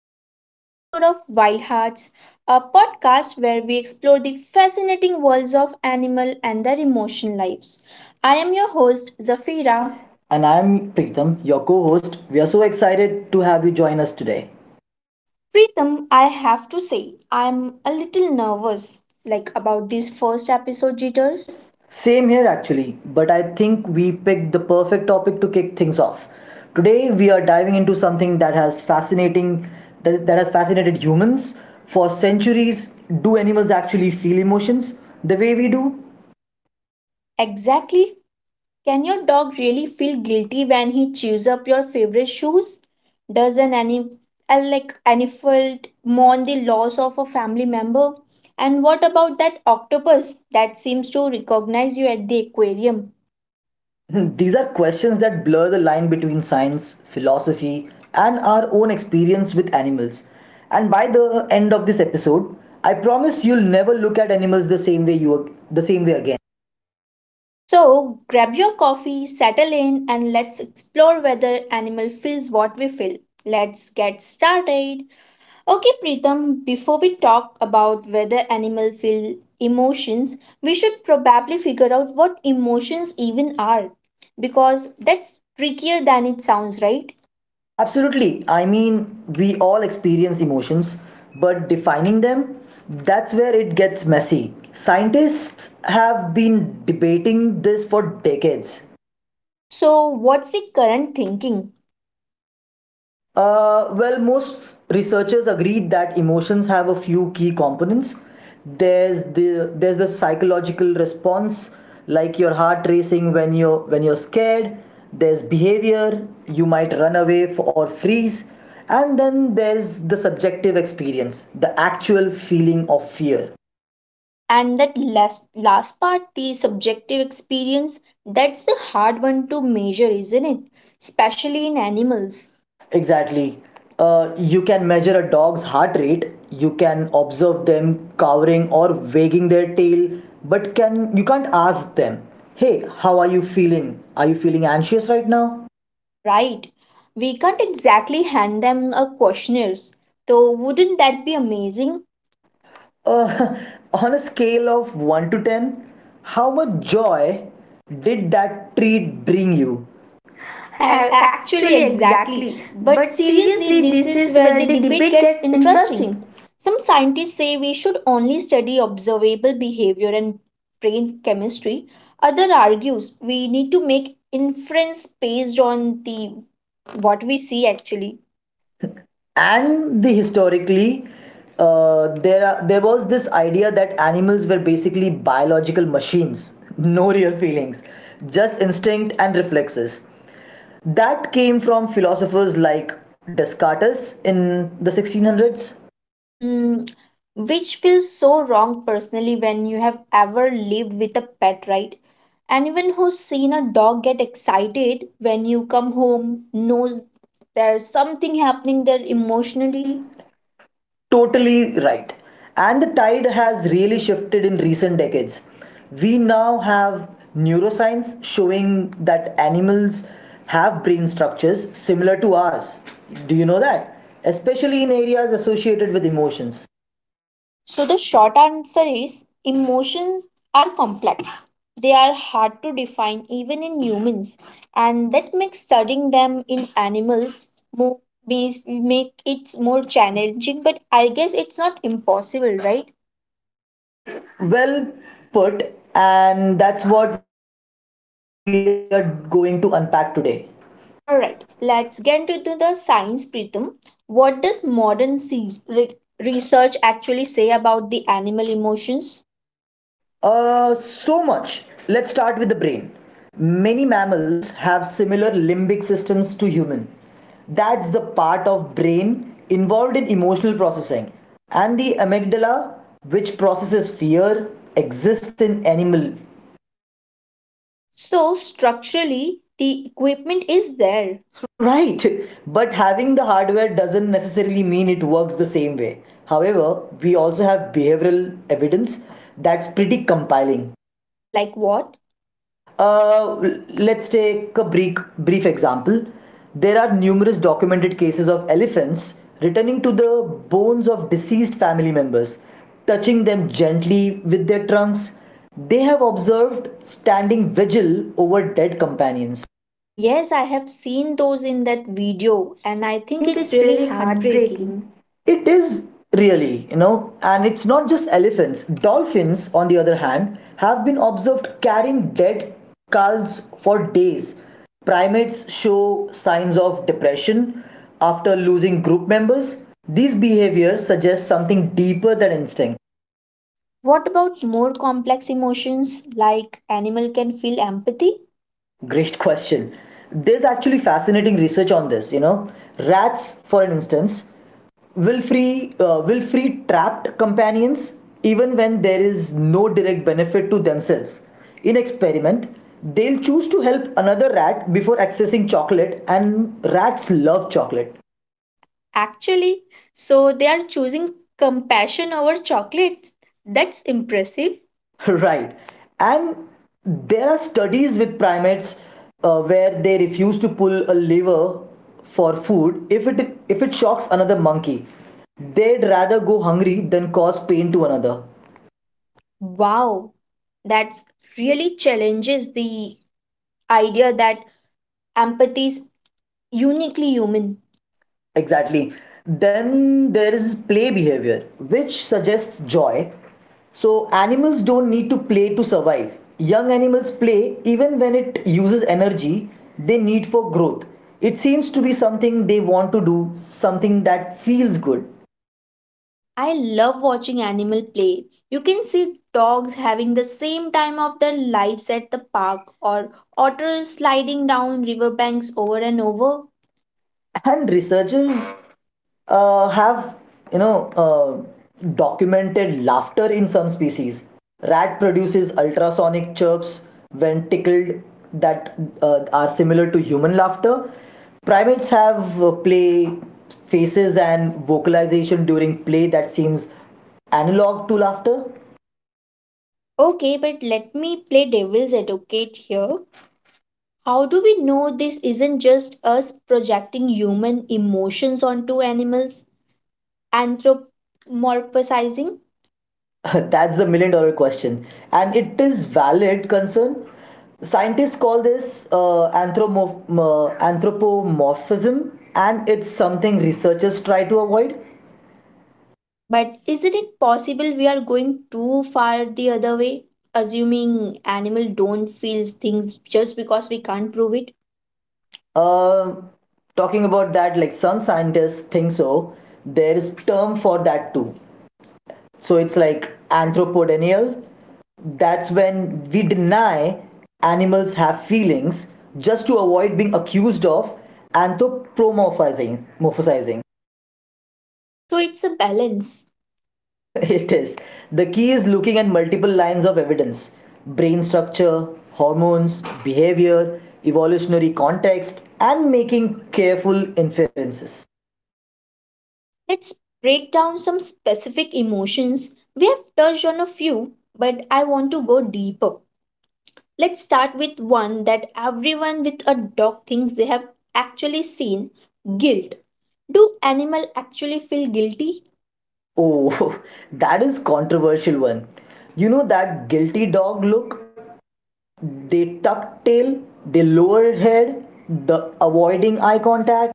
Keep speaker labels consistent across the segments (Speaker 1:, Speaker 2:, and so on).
Speaker 1: first episode of Wild Hearts, a podcast where we explore the fascinating worlds of animal and their emotional lives. I am your host, Zafira.
Speaker 2: And I'm Pritham, your co host. We are so excited to have you join us today.
Speaker 1: Pritam, I have to say, I'm a little nervous, like about this first episode jitters.
Speaker 2: Yes. Same here, actually, but I think we picked the perfect topic to kick things off. Today, we are diving into something that has fascinating that has fascinated humans for centuries. Do animals actually feel emotions the way we do?
Speaker 1: Exactly, can your dog really feel guilty when he chews up your favorite shoes? Does an ani- like animal mourn the loss of a family member? And what about that octopus that seems to recognize you at the aquarium?
Speaker 2: Hmm, these are questions that blur the line between science, philosophy, and our own experience with animals. And by the end of this episode, I promise you'll never look at animals the same way again.
Speaker 1: So, grab your coffee, settle in, and let's explore whether animal feels what we feel. Let's get started. Okay, Pritam, before we talk about whether animals feel emotions, we should probably figure out what emotions even are because that's trickier than it sounds, right?
Speaker 2: Absolutely. I mean, we all experience emotions, but defining them, that's where it gets messy. Scientists have been debating this for decades.
Speaker 1: So, what's the current thinking?
Speaker 2: Well, most researchers agree that emotions have a few key components. There's the psychological response, like your heart racing when you're scared. There's behavior, you might run away f or freeze, and then there's the subjective experience, the actual feeling of fear.
Speaker 1: And that last part, the subjective experience, that's the hard one to measure, isn't it? Especially in animals,
Speaker 2: Exactly. You can measure a dog's heart rate. You can observe them cowering or wagging their tail, but can't ask them, "Hey, how are you feeling? Are you feeling anxious right now?"
Speaker 1: right? We can't exactly hand them a questionnaires. So, wouldn't that be amazing?
Speaker 2: Uh, on a scale of one to ten, how much joy did that treat bring you? A-
Speaker 1: Actually,
Speaker 2: Actually,
Speaker 1: exactly.
Speaker 2: exactly.
Speaker 1: But
Speaker 2: But
Speaker 1: seriously,
Speaker 2: seriously,
Speaker 1: this
Speaker 2: this
Speaker 1: is
Speaker 2: is
Speaker 1: where
Speaker 2: where
Speaker 1: the
Speaker 2: the
Speaker 1: debate
Speaker 2: debate
Speaker 1: gets
Speaker 2: gets
Speaker 1: interesting.
Speaker 2: interesting.
Speaker 1: Some scientists say we should only study observable behavior and brain chemistry. Other argues we need to make inference based on the what we see actually.
Speaker 2: And the historically, there was this idea that animals were basically biological machines, no real feelings, just instinct and reflexes. That came from philosophers like descartes in the 1600s.
Speaker 1: Mm, which feels so wrong personally when you have ever lived with a pet, right? Anyone who's seen a dog get excited when you come home knows there's something happening there emotionally.
Speaker 2: Additionally, totally right. And the tide has really shifted in recent decades. We now have neuroscience showing that animals have brain structures similar to ours. Do you know that? Especially in areas associated with emotions.
Speaker 1: So, the short answer is emotions are complex. They are hard to define even in humans, and that makes studying them in animals more, make it more challenging, but I guess it's not impossible, right?
Speaker 2: Well put, and that's what we are going to unpack today.
Speaker 1: All right, let's get into the science, Pritam. What does modern research actually say about the animal emotions?
Speaker 2: So much. Let's start with the brain. Many mammals have similar limbic systems to human. That's the part of brain involved in emotional processing. And the amygdala, which processes fear, exists in animal.
Speaker 1: So, structurally, the equipment is there.
Speaker 2: Right. But having the hardware doesn't necessarily mean it works the same way. However, we also have behavioral evidence that's pretty compelling.
Speaker 1: Like what?
Speaker 2: Uh, let's take a brief example. There are numerous documented cases of elephants returning to the bones of deceased family members, touching them gently with their trunks. They have observed standing vigil over dead companions.
Speaker 1: Yes, I have seen those in that video, and
Speaker 2: And
Speaker 1: I
Speaker 2: I
Speaker 1: think
Speaker 2: think
Speaker 1: it's
Speaker 2: it's
Speaker 1: really
Speaker 2: really
Speaker 1: heartbreaking.
Speaker 2: heartbreaking. It is really, you know, and it's not just elephants. Dolphins, on the other hand, have been observed carrying dead calves for days. Primates show signs of depression after losing group members. These behaviors suggest something deeper than instinct.
Speaker 1: What about more complex emotions like animal can feel empathy?
Speaker 2: Great question. There's actually fascinating research on this, you know. Rats, for instance, will free trapped companions even when there is no direct benefit to themselves. In experiment, they'll choose to help another rat before accessing chocolate, and rats love chocolate.
Speaker 1: Actually, so they are choosing compassion over chocolates. That's impressive.
Speaker 2: Right. And there are studies with primates where they refuse to pull a lever for food if it shocks another monkey. They'd rather go hungry than cause pain to another.
Speaker 1: Wow, that really challenges the idea that empathy is uniquely human.
Speaker 2: Exactly. Then there is play behavior, which suggests joy. So animals don't need to play to survive. Young animals play even when it uses energy they need for growth. It seems to be something they want to do, something that feels good.
Speaker 1: I love watching animal play. You can see dogs having the same time of their lives at the park or otters sliding down riverbanks over and over.
Speaker 2: And researchers have, you know, documented laughter in some species. Rat produces ultrasonic chirps when tickled that are similar to human laughter. Primates have play faces and vocalization during play that seems analog to laughter.
Speaker 1: Okay, but let me play devil's advocate here. How do we know this isn't just us projecting human emotions onto animals? Anthropomorphizing?
Speaker 2: That's the million dollar question. And it is valid concern. Scientists call this anthropomorphism, and it's something researchers try to avoid.
Speaker 1: But isn't it possible we are going too far the other way, assuming animal don't feel things just because we can't prove it?
Speaker 2: Uh, Talking about that, like some scientists think so, there is term for that too. So it's like anthropodenial. That's when we deny animals have feelings just to avoid being accused of anthropomorphizing. Morphosizing.
Speaker 1: So it's a balance.
Speaker 2: It is. The key is looking at multiple lines of evidence: brain structure, hormones, behavior, evolutionary context, and making careful inferences.
Speaker 1: Let's break down some specific emotions. We have touched on a few, but I want to go deeper. Let's start with one that everyone with a dog thinks they have actually seen guilt. Do animal actually feel guilty?
Speaker 2: Oh, that is controversial one. You know that guilty dog look? They tuck tail, they lower head, the avoiding eye contact.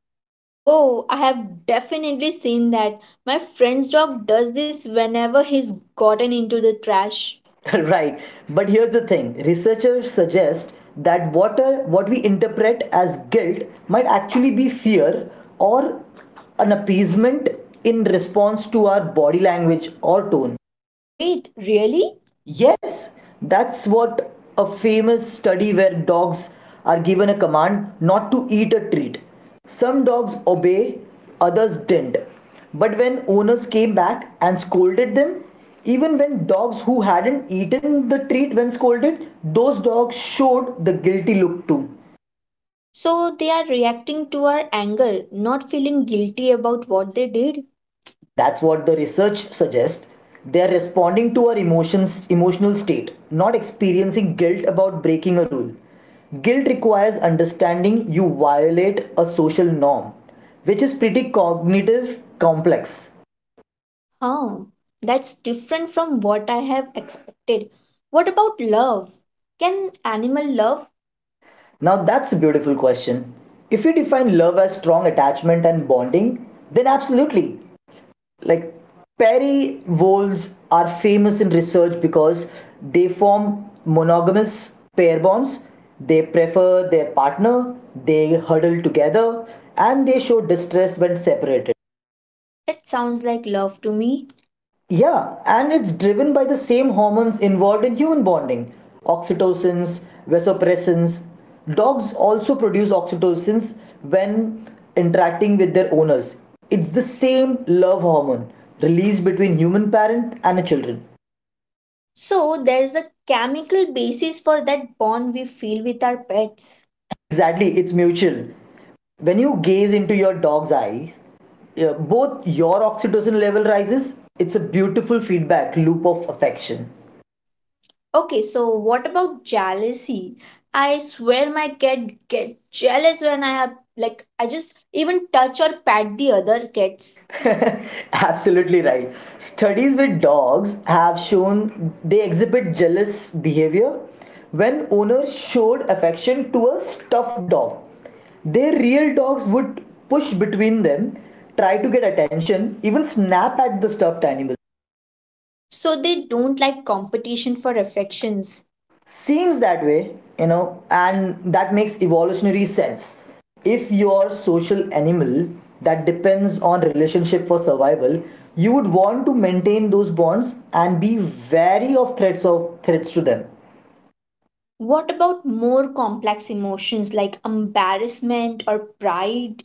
Speaker 1: Oh, I have definitely seen that. My friend's dog does this whenever he's gotten into the trash.
Speaker 2: Right. But here's the thing, researchers suggest that what we interpret as guilt, might actually be fear or an appeasement in response to our body language or tone.
Speaker 1: Wait, really? Yeah.
Speaker 2: Yes, that's what a famous study where dogs are given a command not to eat a treat. Some dogs obey, others didn't. But when owners came back and scolded them, even when dogs who hadn't eaten the treat when scolded, those dogs showed the guilty look too.
Speaker 1: So they are reacting to our anger, not feeling guilty about what they did?
Speaker 2: That's what the research suggests. They are responding to our emotional state, not experiencing guilt about breaking a rule. Guilt requires understanding you violate a social norm, which is pretty cognitive complex.
Speaker 1: Huh. That's different from what I have expected. What about love? Can animal love?
Speaker 2: Now, that's a beautiful question. If you define love as strong attachment and bonding, then absolutely. Like Perry wolves are famous in research because they form monogamous pair bonds. They prefer their partner, they huddle together, and they show distress when separate.
Speaker 1: That sounds like love to me.
Speaker 2: Yeah, and it's driven by the same hormones involved in human bonding: oxytocins, vasopressins. Dogs also produce oxytocins when interacting with their owners. It's the same love hormone released between human parent and a children.
Speaker 1: So there's a chemical basis for that bond we feel with our pets.
Speaker 2: Exactly, it's mutual. When you gaze into your dog's eyes, both your oxytocin level rises. It's a beautiful feedback loop of affection.
Speaker 1: Okay, so what about jealousy? I swear my cat get jealous when I have like I just even touch or pat the other cats.
Speaker 2: Kids. Absolutely right. Studies with dogs have shown they exhibit jealous behavior when owners showed affection to a stuffed dog. Their real dogs would push between them, try to get attention, even snap at the stuffed animal.
Speaker 1: So they don't like competition for affections.
Speaker 2: Seems that way, you know, and that makes evolutionary sense. If you're a social animal that depends on relationship for survival, you would want to maintain those bonds and be wary of threats to them.
Speaker 1: What about more complex emotions like embarrassment or pride?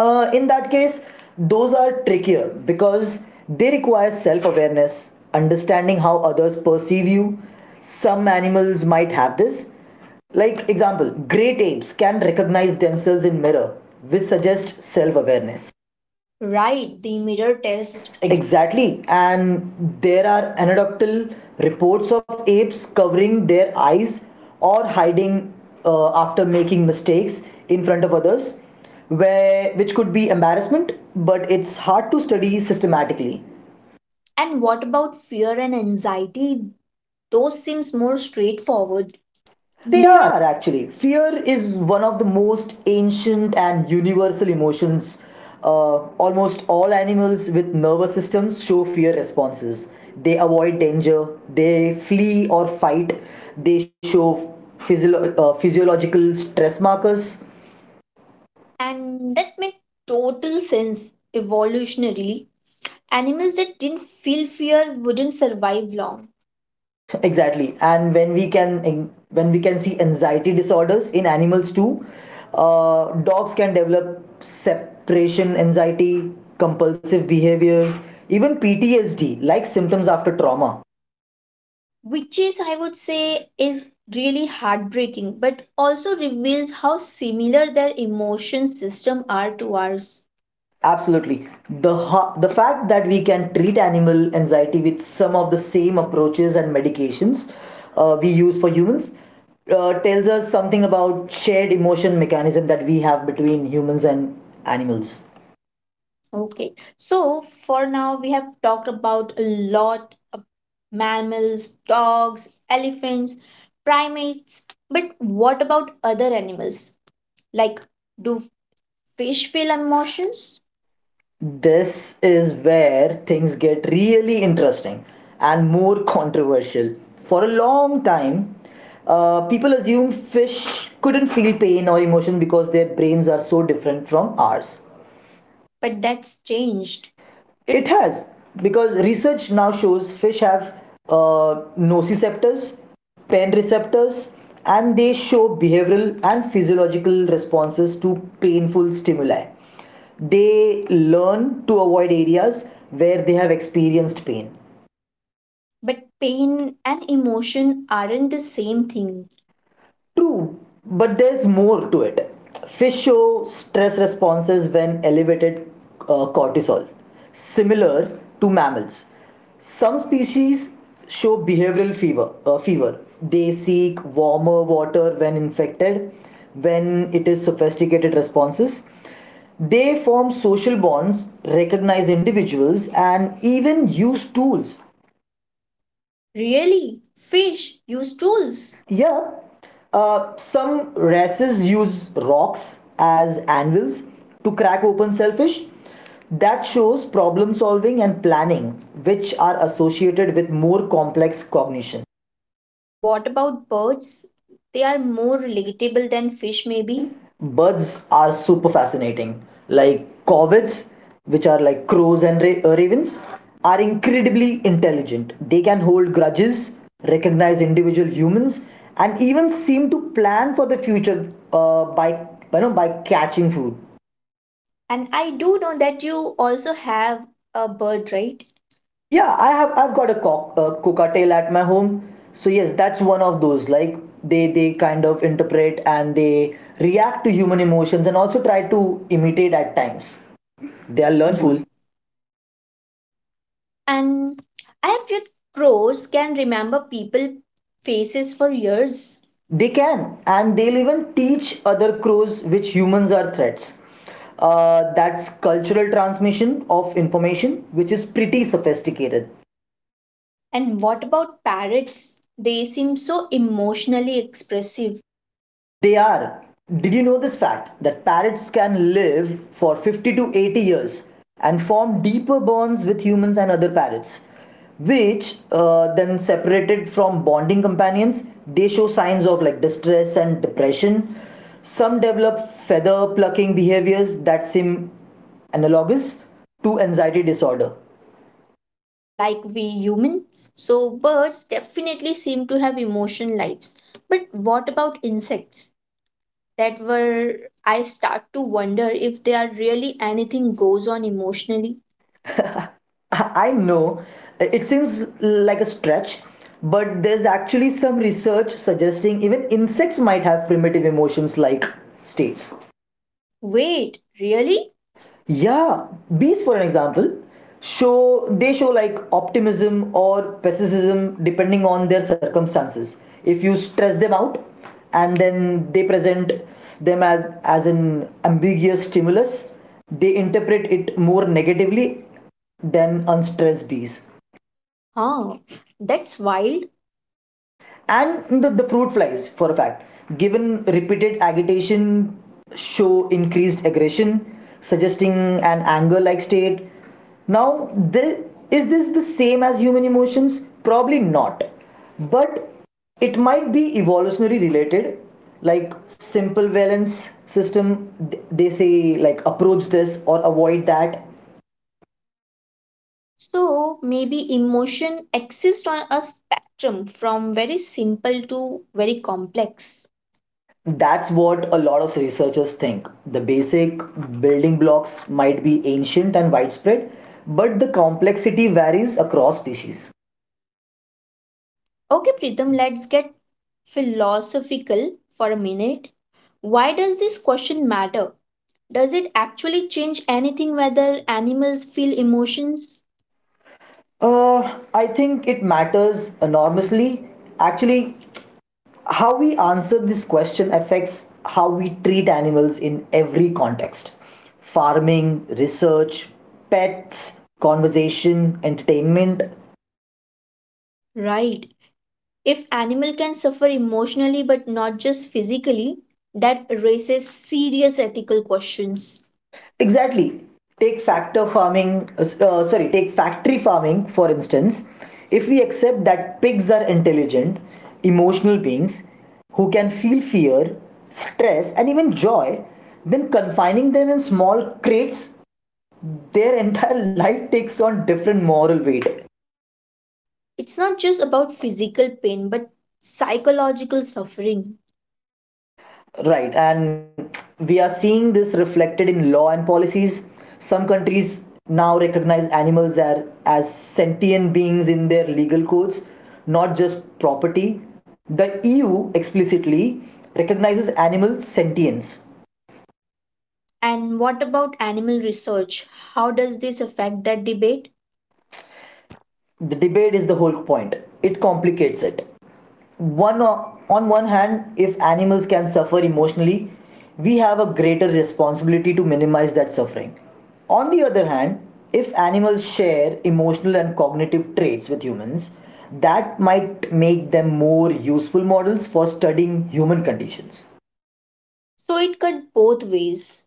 Speaker 2: In that case, those are trickier because they require self awareness, understanding how others perceive you. Some animals might have this. Like, example, great apes can recognize themselves in mirror, which suggests self awareness
Speaker 1: Right, the mirror test.
Speaker 2: test. Exactly, and there are anecdotal reports of apes covering their eyes or hiding after making mistakes in front of others, where which could be embarrassment, but it's hard to study systematically.
Speaker 1: And what about fear and anxiety? Those seems more straightforward. They
Speaker 2: They
Speaker 1: are.
Speaker 2: are actually. Fear is one of the most ancient and universal emotions. Uh, Almost all animals with nervous systems show fear responses. They avoid danger, they flee or fight, they show physiological stress markers.
Speaker 1: And that makes total sense evolutionarily. Animals that didn't feel fear wouldn't survive long,
Speaker 2: Exactly, and when we can see anxiety disorders in animals too. Dogs can develop separation anxiety, compulsive behaviors, even ptsd like symptoms after trauma.
Speaker 1: which is, I would say, is really heartbreaking, but also reveals how similar their emotion system are to ours.
Speaker 2: Absolutely. The fact that we can treat animal anxiety with some of the same approaches and medications we use for humans tells us something about shared emotion mechanism that we have between humans and animals.
Speaker 1: Okay, so for now we have talked about a lot of mammals, dogs, elephants, primates, but what about other animals? Like, do fish feel emotions?
Speaker 2: This is where things get really interesting and more controversial. For a long time, people assumed fish couldn't feel pain or emotion because their brains are so different from ours.
Speaker 1: But that's changed.
Speaker 2: It has, because research now shows fish have nociceptors, pain receptors, and they show behavioral and physiological responses to painful stimuli. They learn to avoid areas where they have experienced pain.
Speaker 1: But pain and emotion aren't the same thing.
Speaker 2: True, but there's more to it. Fish show stress responses when elevated cortisol, similar to mammals. Some species show behavioral fever. They seek warmer water when infected, when it is sophisticated responses. They form social bonds, recognize individuals, and even use tools.
Speaker 1: Really? Fish use
Speaker 2: Tools.
Speaker 1: tools.
Speaker 2: Yeah, some races use rocks as anvils to crack open shellfish. That shows problem solving and planning, which are associated with more complex cognition.
Speaker 1: What about birds? They are more relatable than
Speaker 2: Fish
Speaker 1: fish,
Speaker 2: maybe.
Speaker 1: maybe.
Speaker 2: Birds are super fascinating. Like corvids, which are like crows and ravens, are incredibly intelligent. They can hold grudges, recognize individual humans, and even seem to plan for the future by, you know, by catching food.
Speaker 1: And I do know that you also have a bird, right?
Speaker 2: Yeah, I have, I've got a cockatiel at my home. So yes, that's one of those, like they kind of interpret and they react to human emotions and also try to imitate at times.
Speaker 1: They
Speaker 2: They
Speaker 1: are
Speaker 2: are
Speaker 1: learnful.
Speaker 2: learnful.
Speaker 1: And I have heard crows can remember people faces for years.
Speaker 2: They can, and they'll even teach other crows which humans are threats. That's cultural transmission of information, which is pretty sophisticated.
Speaker 1: And what about parrots? They seem so emotionally expressive.
Speaker 2: They are. Did you know this fact that parrots can live for 50 to 80 years and form deeper bonds with humans and other parrots? Which, then separated from bonding companions, they show signs of like distress and depression. Some develop feather plucking behaviors that seem analogous to anxiety disorder.
Speaker 1: Like we human. So birds definitely seem to have emotion lives. But what about insects? That were I start to wonder if they are really anything goes on emotionally.
Speaker 2: I know it seems like a stretch, but there's actually some research suggesting even insects might have primitive emotions like states.
Speaker 1: Wait, really?
Speaker 2: Yeah, bees for an example show, they show like optimism or pessimism depending on their circumstances. If you stress them out and then they present them as an ambiguous stimulus, they interpret it more negatively than unstressed bees.
Speaker 1: Huh. That's wild.
Speaker 2: And the fruit flies, for a fact, given repeated agitation, show increased aggression, suggesting an anger like state. Now, the, is this the same as human emotions? Probably not, but it might be evolutionary related, like simple valence system. They say like approach this or avoid that.
Speaker 1: So maybe emotion exists on a spectrum from very simple to very complex.
Speaker 2: That's what a lot of researchers think. The basic building blocks might be ancient and widespread, but the complexity varies across species.
Speaker 1: Okay, Pritham, let's get philosophical for a minute. Why does this question matter? Does it actually change anything whether animals feel emotions?
Speaker 2: I think it matters enormously. Actually, how we answer this question affects how we treat animals in every context: farming, research, pets, conversation, entertainment.
Speaker 1: Right. If animal can suffer emotionally but not just physically, that raises serious ethical questions.
Speaker 2: Exactly. Take factor farming, sorry, take factory farming for instance. If we accept that pigs are intelligent, emotional beings who can feel fear, stress, and even joy, then confining them in small crates, their entire life takes on different moral weight.
Speaker 1: It's not just about physical pain but psychological suffering.
Speaker 2: Right, and we are seeing this reflected in law and policies. Some countries now recognize animals as sentient beings in their legal codes, not just property. The EU explicitly recognizes animal sentience.
Speaker 1: And what about animal research? How does this affect that debate?
Speaker 2: The debate is the whole point, it complicates it. One On one hand, if animals can suffer emotionally, we have a greater responsibility to minimize that suffering. On the other hand, if animals share emotional and cognitive traits with humans, that might make them more useful models for studying human conditions.
Speaker 1: So it cut both ways.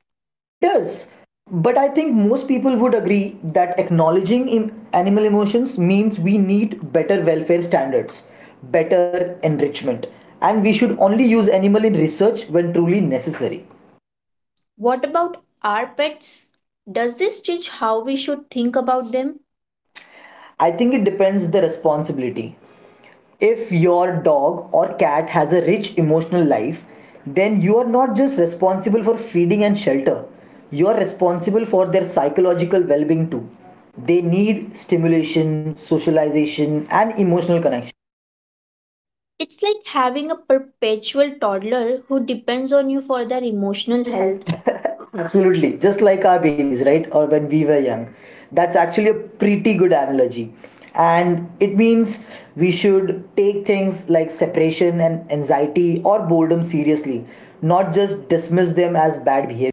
Speaker 2: It does. But I think most people would agree that acknowledging animal emotions means we need better welfare standards, better enrichment, and we should only use animal in research when truly necessary.
Speaker 1: What about our pets? Does this change how we should think about them?
Speaker 2: I think it depends the responsibility. If your dog or cat has a rich emotional life, then you are not just responsible for feeding and shelter, you are responsible for their psychological well being too. They need stimulation, socialization, and emotional connection.
Speaker 1: It's like having a perpetual toddler who depends on you for their emotional
Speaker 2: Emotional
Speaker 1: health.
Speaker 2: health. Absolutely, just like our babies, right? Or when we were young. That's actually a pretty good analogy. And it means we should take things like separation and anxiety or boredom seriously, not just dismiss them as bad behavior.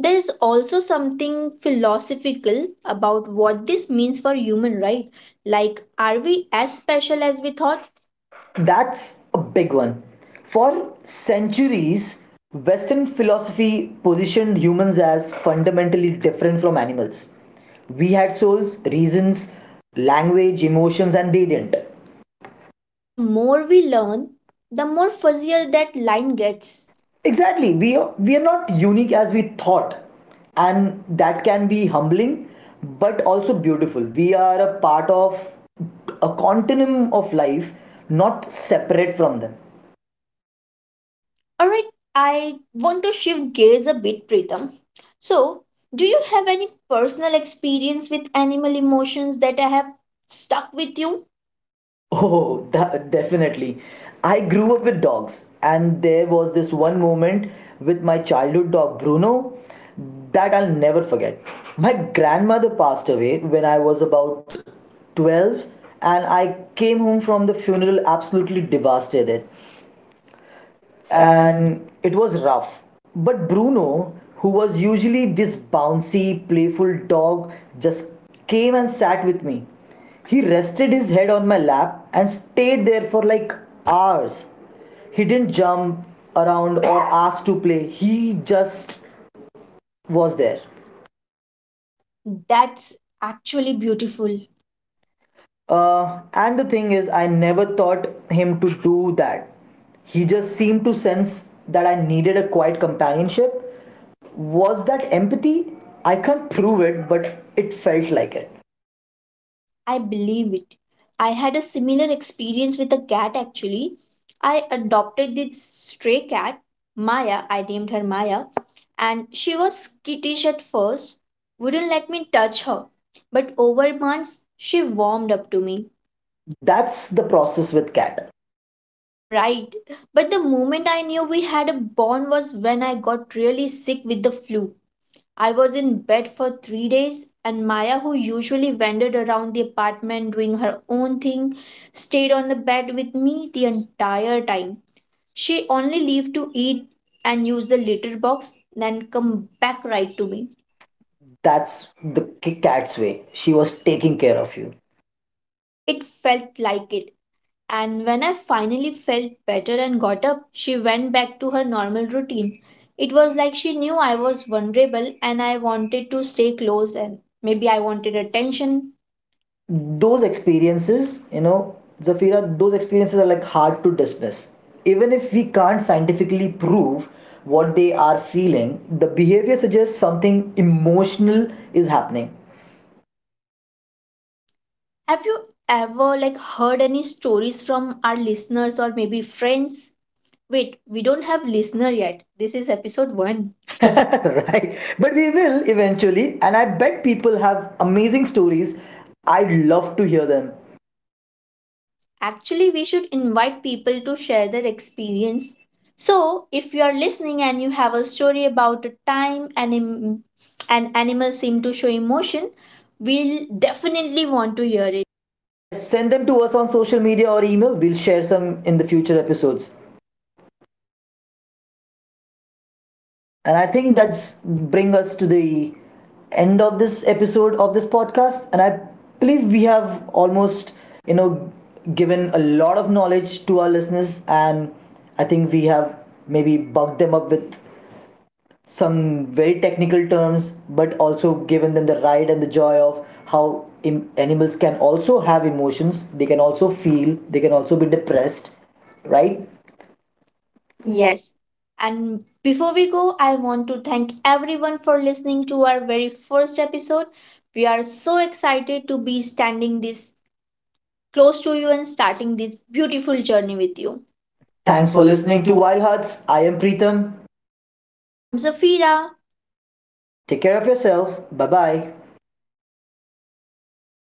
Speaker 1: There is also something philosophical about what this means for human, right? Like, are we as special as we thought?
Speaker 2: That's a big one. For centuries, Western philosophy positioned humans as fundamentally different from animals. We had souls, reasons, language, emotions, and they didn't.
Speaker 1: But the more we learn, the more fuzzier that line gets.
Speaker 2: Exactly, we are not unique as we thought, and that can be humbling, but also beautiful. We are a part of a continuum of life, not separate from them.
Speaker 1: Alright, I want to shift gears a bit, Pritam. So, do you have any personal experience with animal emotions that I have stuck with you?
Speaker 2: Oh, that, definitely. I grew up with dogs, and there was this one moment with my childhood dog Bruno that I'll never forget. My grandmother passed away when I was about 12, and I came home from the funeral absolutely devastated,
Speaker 1: And
Speaker 2: and it was rough. But Bruno, who was usually this bouncy, playful dog, just came and sat with me. He rested his head on my lap and stayed there for like hours. He didn't jump around or ask to play, he just was there.
Speaker 1: that's actually beautiful.
Speaker 2: And the thing is, I never taught him to do that. He just seemed to sense that I needed a quiet companionship. Was that empathy? I can't prove it, but it felt like it.
Speaker 1: I believe it. I had a similar experience with a cat actually. I adopted this stray cat, Maya, I named her Maya, and she was skittish at first, wouldn't let me touch her. But over months, she warmed up to me.
Speaker 2: That's the process with Cat.
Speaker 1: Right. But the moment I knew we had a bond was when I got really sick with the flu. I was in bed for 3 days, and Maya, who usually wandered around the apartment doing her own thing, stayed on the bed with me the entire time. She only left to eat and use the litter box, then come back right to me.
Speaker 2: That's the cat's way. She was taking care of you.
Speaker 1: It felt like it. And when I finally felt better and got up, she went back to her normal routine. It was like she knew I was vulnerable and I wanted to stay close and maybe I wanted attention.
Speaker 2: Those experiences, you know, Zafira, those experiences are like hard to dismiss. Even if we can't scientifically prove what they are feeling, the behavior suggests something emotional is happening.
Speaker 1: Have you ever like heard any stories from our listeners or maybe friends? Wait, we don't have listener yet. This is episode 1.
Speaker 2: Right? But we will eventually, and I bet people have amazing stories. I'd love to hear them.
Speaker 1: Actually, we should invite people to share their experience. So, if you are listening and you have a story about a time an animal seemed to show emotion, we'll definitely want to hear it.
Speaker 2: Yes, send them to us on social media or email. We'll share some in the future episodes.
Speaker 1: And
Speaker 2: And
Speaker 1: I
Speaker 2: I
Speaker 1: think
Speaker 2: think that's
Speaker 1: that's
Speaker 2: bring us to the end of this episode of this podcast. And I believe we have almost, you know, given a lot of knowledge to our listeners. And I think we have maybe bugged them up with some very technical terms, but also given them the ride and the joy of how animals can also have emotions. They can also feel. They can also be depressed, right? Yes.
Speaker 1: yes. And before we go, I want to thank everyone for listening to our very first episode. We are so excited to be standing this close to you and starting this beautiful journey with you. Thanks
Speaker 2: Thanks
Speaker 1: for
Speaker 2: for
Speaker 1: listening
Speaker 2: listening to
Speaker 1: to.
Speaker 2: Wild Hearts. I am Preetham.
Speaker 1: And I'm Zafira.
Speaker 2: Take care of yourself. Bye bye.